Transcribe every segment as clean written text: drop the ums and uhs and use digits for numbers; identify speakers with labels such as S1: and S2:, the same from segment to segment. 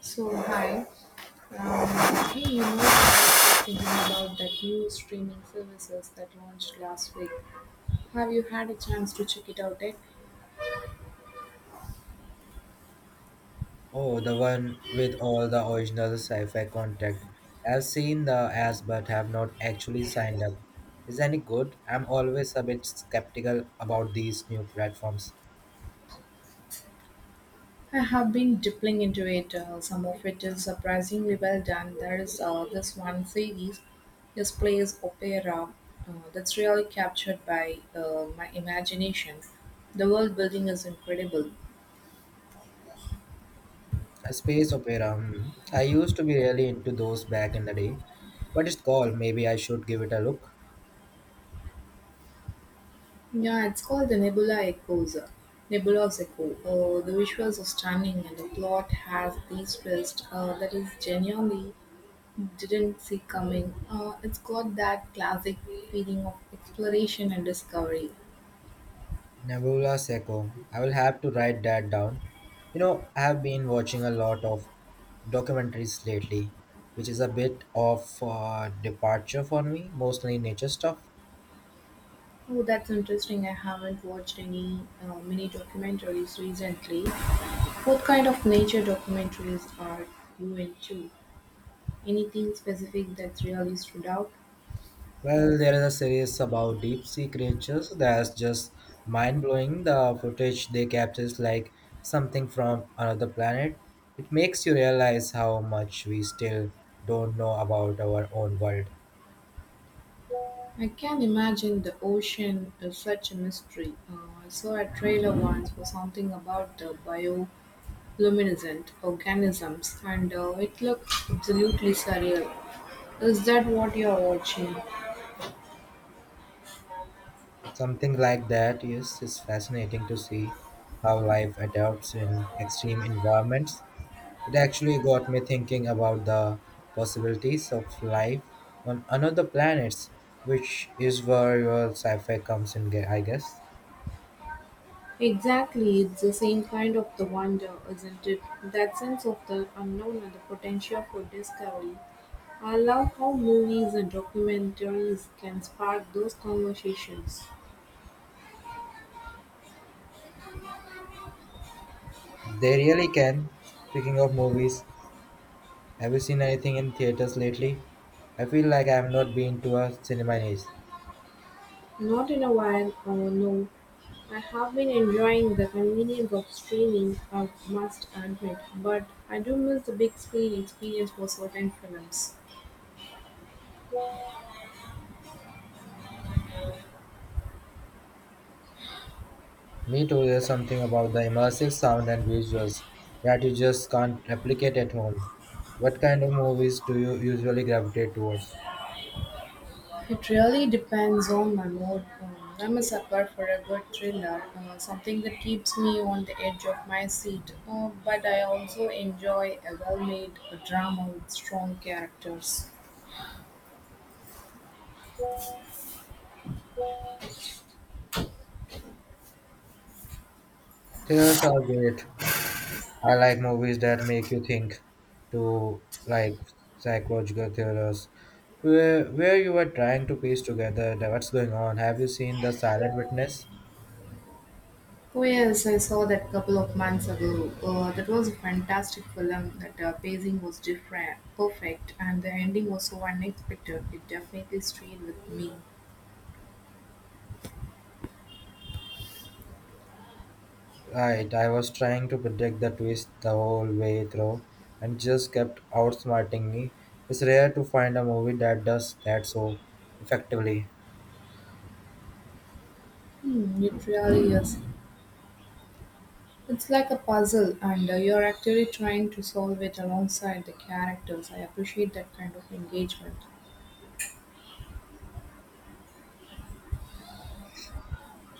S1: So hi, I was just thinking about that new streaming services that launched last week. Have you had a chance to check it out yet?
S2: Oh, the one with all the original sci-fi contact. I've seen the ads but have not actually signed up. Is any good? I'm always a bit skeptical about these new platforms.
S1: I have been dipping into it. Some of it is surprisingly well done. There is this one series, this plays opera, that's really captured by my imagination. The world building is incredible.
S2: A space opera. Hmm. I used to be really into those back in the day, but it's called. Maybe I should give it a look.
S1: Yeah, it's called the Nebula Echoes, Nebula's Echo. The visuals are stunning, and the plot has these twists that is genuinely didn't see coming. It's got that classic feeling of exploration and discovery.
S2: Nebula Seco. I will have to write that down. You know, I have been watching a lot of documentaries lately, which is a bit of departure for me, mostly nature stuff.
S1: Oh, that's interesting. I haven't watched any mini documentaries recently. What kind of nature documentaries are you into? Anything specific that's really stood out?
S2: Well, there is a series about deep sea creatures that's just mind blowing. The footage they capture is like something from another planet. It makes you realize how much we still don't know about our own world.
S1: I can imagine the ocean is such a mystery. I saw a trailer once for something about the bioluminescent organisms, and it looked absolutely surreal. Is that what you're watching?
S2: Something like that, yes, it's fascinating to see how life adapts in extreme environments. It actually got me thinking about the possibilities of life on another planets, which is where your sci-fi comes in, I guess.
S1: Exactly, it's the same kind of the wonder, isn't it? That sense of the unknown and the potential for discovery. I love how movies and documentaries can spark those conversations.
S2: They really can. Speaking of movies, have you seen anything in theaters lately? I feel like I have not been to a cinema in ages.
S1: Not in a while, no. I have been enjoying the convenience of streaming, I must admit, but I do miss the big screen experience for certain films.
S2: Me too, there's something about the immersive sound and visuals that you just can't replicate at home. What kind of movies do you usually gravitate towards?
S1: It really depends on my mood. I'm a sucker for a good thriller, something that keeps me on the edge of my seat, but I also enjoy a well made drama with strong characters.
S2: Theaters are great. I like movies that make you think, to like psychological thrillers, where you are trying to piece together the, what's going on. Have you seen The Silent Witness?
S1: Oh yes, I saw that couple of months ago. That was a fantastic film. That pacing was different, perfect, and the ending was so unexpected. It definitely stayed with me.
S2: Right, I was trying to predict the twist the whole way through and just kept outsmarting me. It's rare to find a movie that does that so effectively.
S1: It really is. It's like a puzzle, and you're actually trying to solve it alongside the characters. I appreciate that kind of engagement.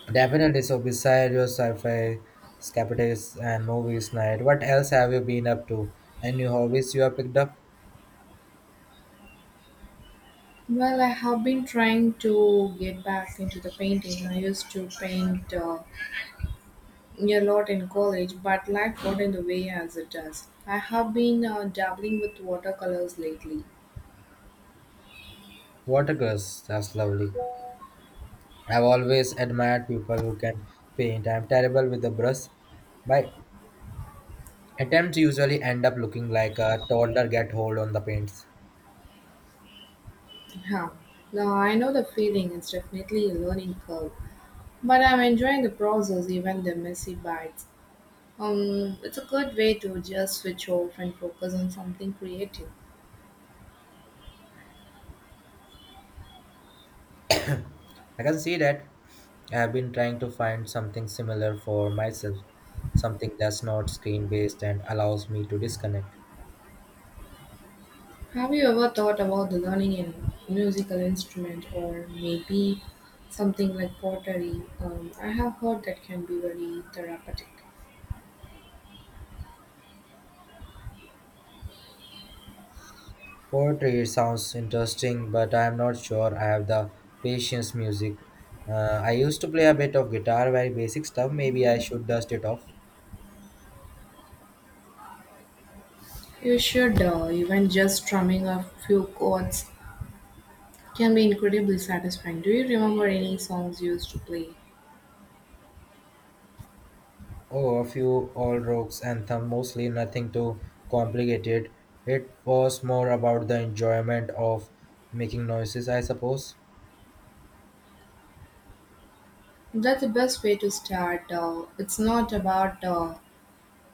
S2: Definitely, so beside your sci-fi, escapists and movies night, what else have you been up to? Any new hobbies you have picked up?
S1: Well, I have been trying to get back into the painting. I used to paint. A lot in college, but life got in the way as it does. I have been dabbling with watercolors lately.
S2: Water girls, that's lovely. I've always admired people who can paint. I'm terrible with the brush. My attempts usually end up looking like a toddler get hold on the paints.
S1: Huh. Now I know the feeling, it's definitely a learning curve, but I'm enjoying the process, even the messy bites. It's a good way to just switch off and focus on something creative.
S2: I can see that. I've been trying to find something similar for myself, something that's not screen based and allows me to disconnect.
S1: Have you ever thought about the learning a musical instrument or maybe something like pottery? I have heard that can be very therapeutic.
S2: Poetry sounds interesting, but I'm not sure I have the patience music. I used to play a bit of guitar, very basic stuff. Maybe I should dust it off.
S1: You should, even just strumming a few chords can be incredibly satisfying. Do you remember any songs you used to play?
S2: Oh, a few old rocks anthem, mostly nothing too complicated. It was more about the enjoyment of making noises, I suppose.
S1: That's the best way to start. It's not about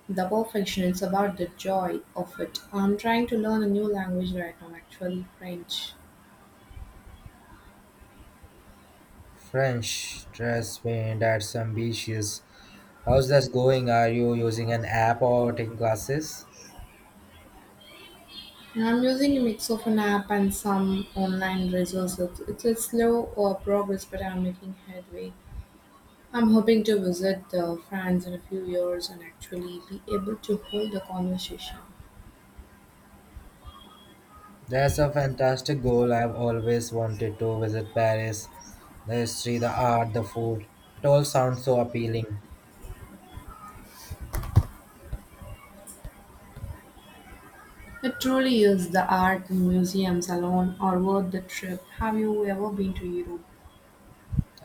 S1: the perfection, it's about the joy of it. I'm trying to learn a new language right now, actually, French.
S2: French dress paint that's ambitious. How's that going? Are you using an app or taking classes?
S1: And I'm using a mix of an app and some online resources. It's a slow progress, but I'm making headway. I'm hoping to visit France in a few years and actually be able to hold a conversation.
S2: That's a fantastic goal. I've always wanted to visit Paris. The history, the art, the food. It all sounds so appealing.
S1: It truly is. The art and museums alone are worth the trip. Have you ever been to Europe?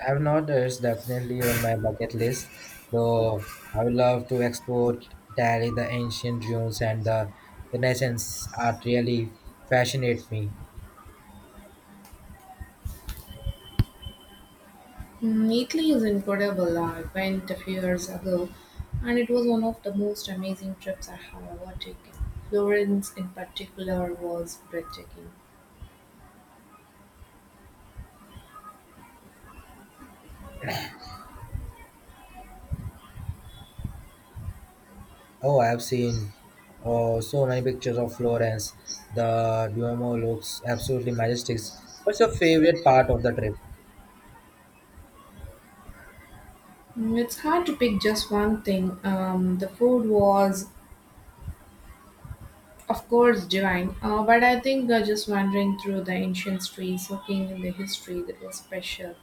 S2: I've not, it's definitely on my bucket list, though I would love to explore Italy, the ancient ruins and the Renaissance art really fascinate me.
S1: Italy is incredible. I went a few years ago and it was one of the most amazing trips I have ever taken. Florence, in particular, was breathtaking.
S2: Oh, I have seen oh, so many pictures of Florence. The Duomo looks absolutely majestic. What's your favorite part of the trip?
S1: It's hard to pick just one thing. The food was, of course, divine, but I think just wandering through the ancient streets, looking in the history, that was special.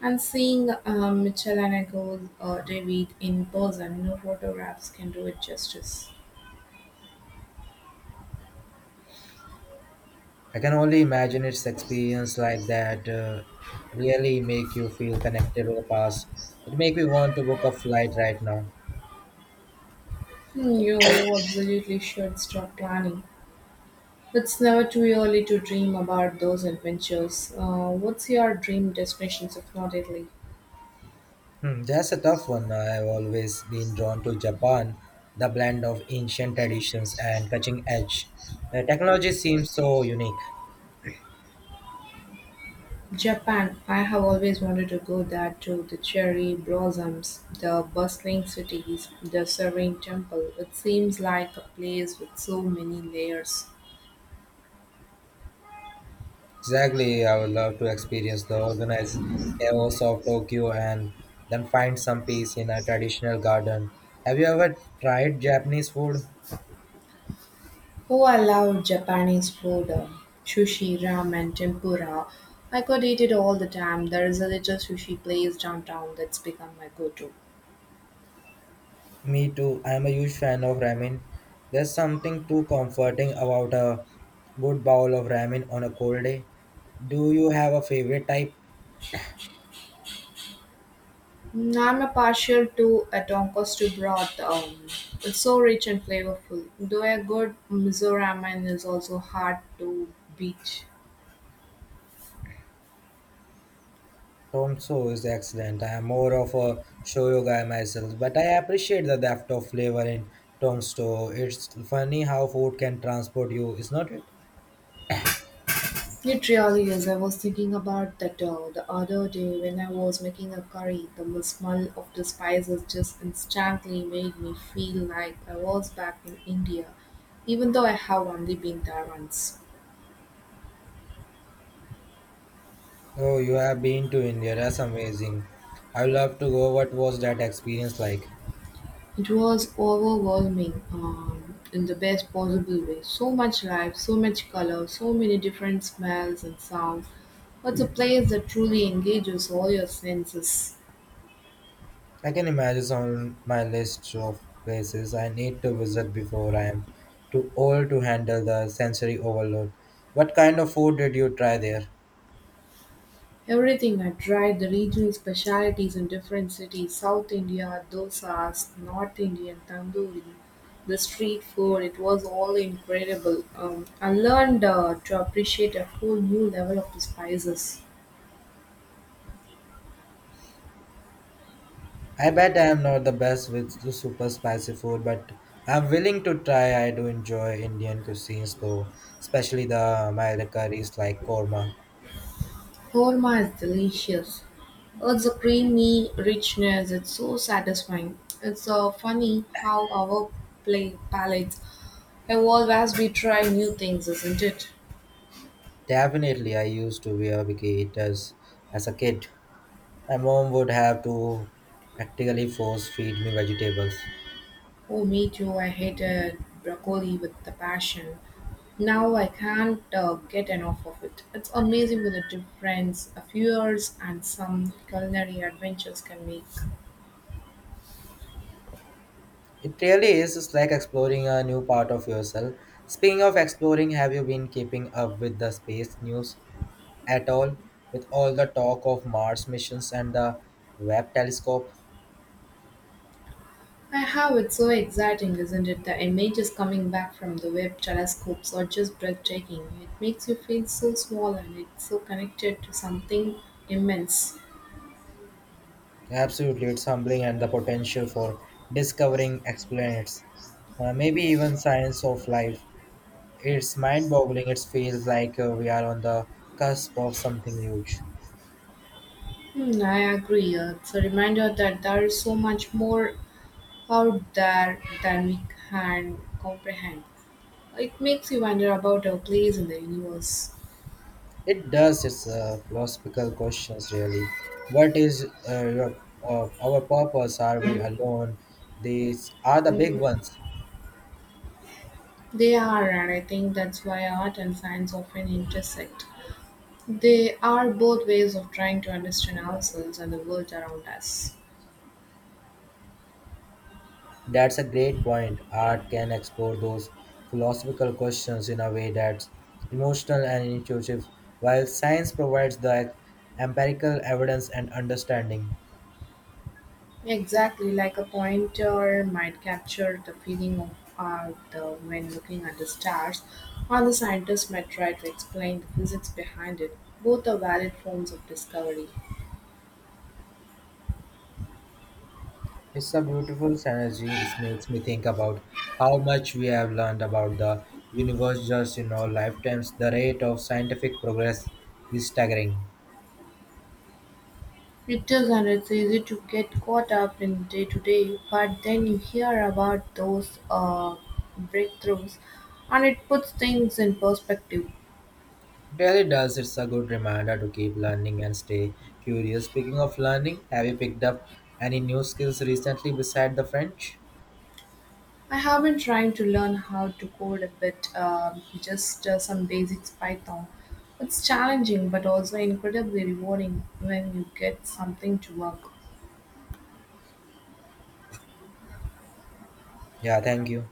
S1: And seeing Michelangelo David in person, no photographs can do it justice.
S2: I can only imagine its experience like that really make you feel connected to the past. It make me want to book a flight right now.
S1: You absolutely should start planning. It's never too early to dream about those adventures. What's your dream destinations if not Italy?
S2: Hmm, that's a tough one. I've always been drawn to Japan, the blend of ancient traditions and cutting edge. The technology seems so unique.
S1: Japan. I have always wanted to go there too. The cherry blossoms, the bustling cities, the serene temple. It seems like a place with so many layers.
S2: Exactly, I would love to experience the organized chaos of Tokyo and then find some peace in a traditional garden. Have you ever tried Japanese food?
S1: Oh, I love Japanese food. Sushi, ramen, tempura. I could eat it all the time. There is a little sushi place downtown that's become my go-to.
S2: Me too. I am a huge fan of ramen. There's something too comforting about a good bowl of ramen on a cold day. Do you have a favorite type?
S1: I'm a partial to a tonkotsu broth. It's so rich and flavorful. Though a good miso ramen is also hard to beat.
S2: Tonso is excellent. I am more of a shoyu guy myself, but I appreciate the depth of flavor in Tongsto. It's funny how food can transport you, is not it?
S1: It really is. I was thinking about that the other day when I was making a curry. The smell of the spices just instantly made me feel like I was back in India, even though I have only been there once.
S2: Oh, you have been to India. That's amazing. I would love to go. What was that experience like?
S1: It was overwhelming in the best possible way. So much life, so much color, so many different smells and sounds. It's a place that truly engages all your senses.
S2: I can imagine it's on my list of places I need to visit before I am too old to handle the sensory overload. What kind of food did you try there?
S1: Everything I tried the regional specialities in different cities South India, dosas, North Indian, tandoori, the street food. It was all incredible. I learned to appreciate a whole new level of the spices.
S2: I bet I am not the best with the super spicy food, but I'm willing to try. I do enjoy Indian cuisines though, especially the Mala curries like korma.
S1: Korma is delicious. It's a creamy richness. It's so satisfying. It's funny how our play palates evolve as we try new things, isn't it?
S2: Definitely, I used to wear bikinis as a kid. My mom would have to practically force feed me vegetables.
S1: Oh, me too. I hated broccoli with the passion. Now I can't get enough of it. It's amazing what the difference a few years and some culinary adventures can make.
S2: It really is just like exploring a new part of yourself. Speaking of exploring, have you been keeping up with the space news at all? With all the talk of Mars missions and the Webb telescope?
S1: I have it's so exciting, isn't it? The images coming back from the web telescopes are just breathtaking. It makes you feel so small and it's so connected to something immense.
S2: Absolutely, it's humbling and the potential for discovering exoplanets. Maybe even signs of life. It's mind boggling. It feels like we are on the cusp of something huge.
S1: I agree. It's a reminder that there is so much more out there than we can comprehend. It makes you wonder about our place in the universe.
S2: It does. It's a philosophical questions, really. What is your, our purpose? Are we alone? These are the big ones.
S1: They are, and I think that's why art and science often intersect. They are both ways of trying to understand ourselves and the world around us.
S2: That's a great point. Art can explore those philosophical questions in a way that's emotional and intuitive, while science provides the empirical evidence and understanding.
S1: Exactly, like a pointer might capture the feeling of art when looking at the stars, or the scientist might try to explain the physics behind it. Both are valid forms of discovery.
S2: It's a beautiful synergy. It makes me think about how much we have learned about the universe just in our lifetimes. The rate of scientific progress is staggering.
S1: It does, isn't. It's easy to get caught up in day-to-day, but then you hear about those breakthroughs, and it puts things in perspective.
S2: It really does. It's a good reminder to keep learning and stay curious. Speaking of learning, have you picked up any new skills recently beside the French?
S1: I have been trying to learn how to code a bit, just some basics Python. It's challenging, but also incredibly rewarding when you get something to work.
S2: Yeah, thank you.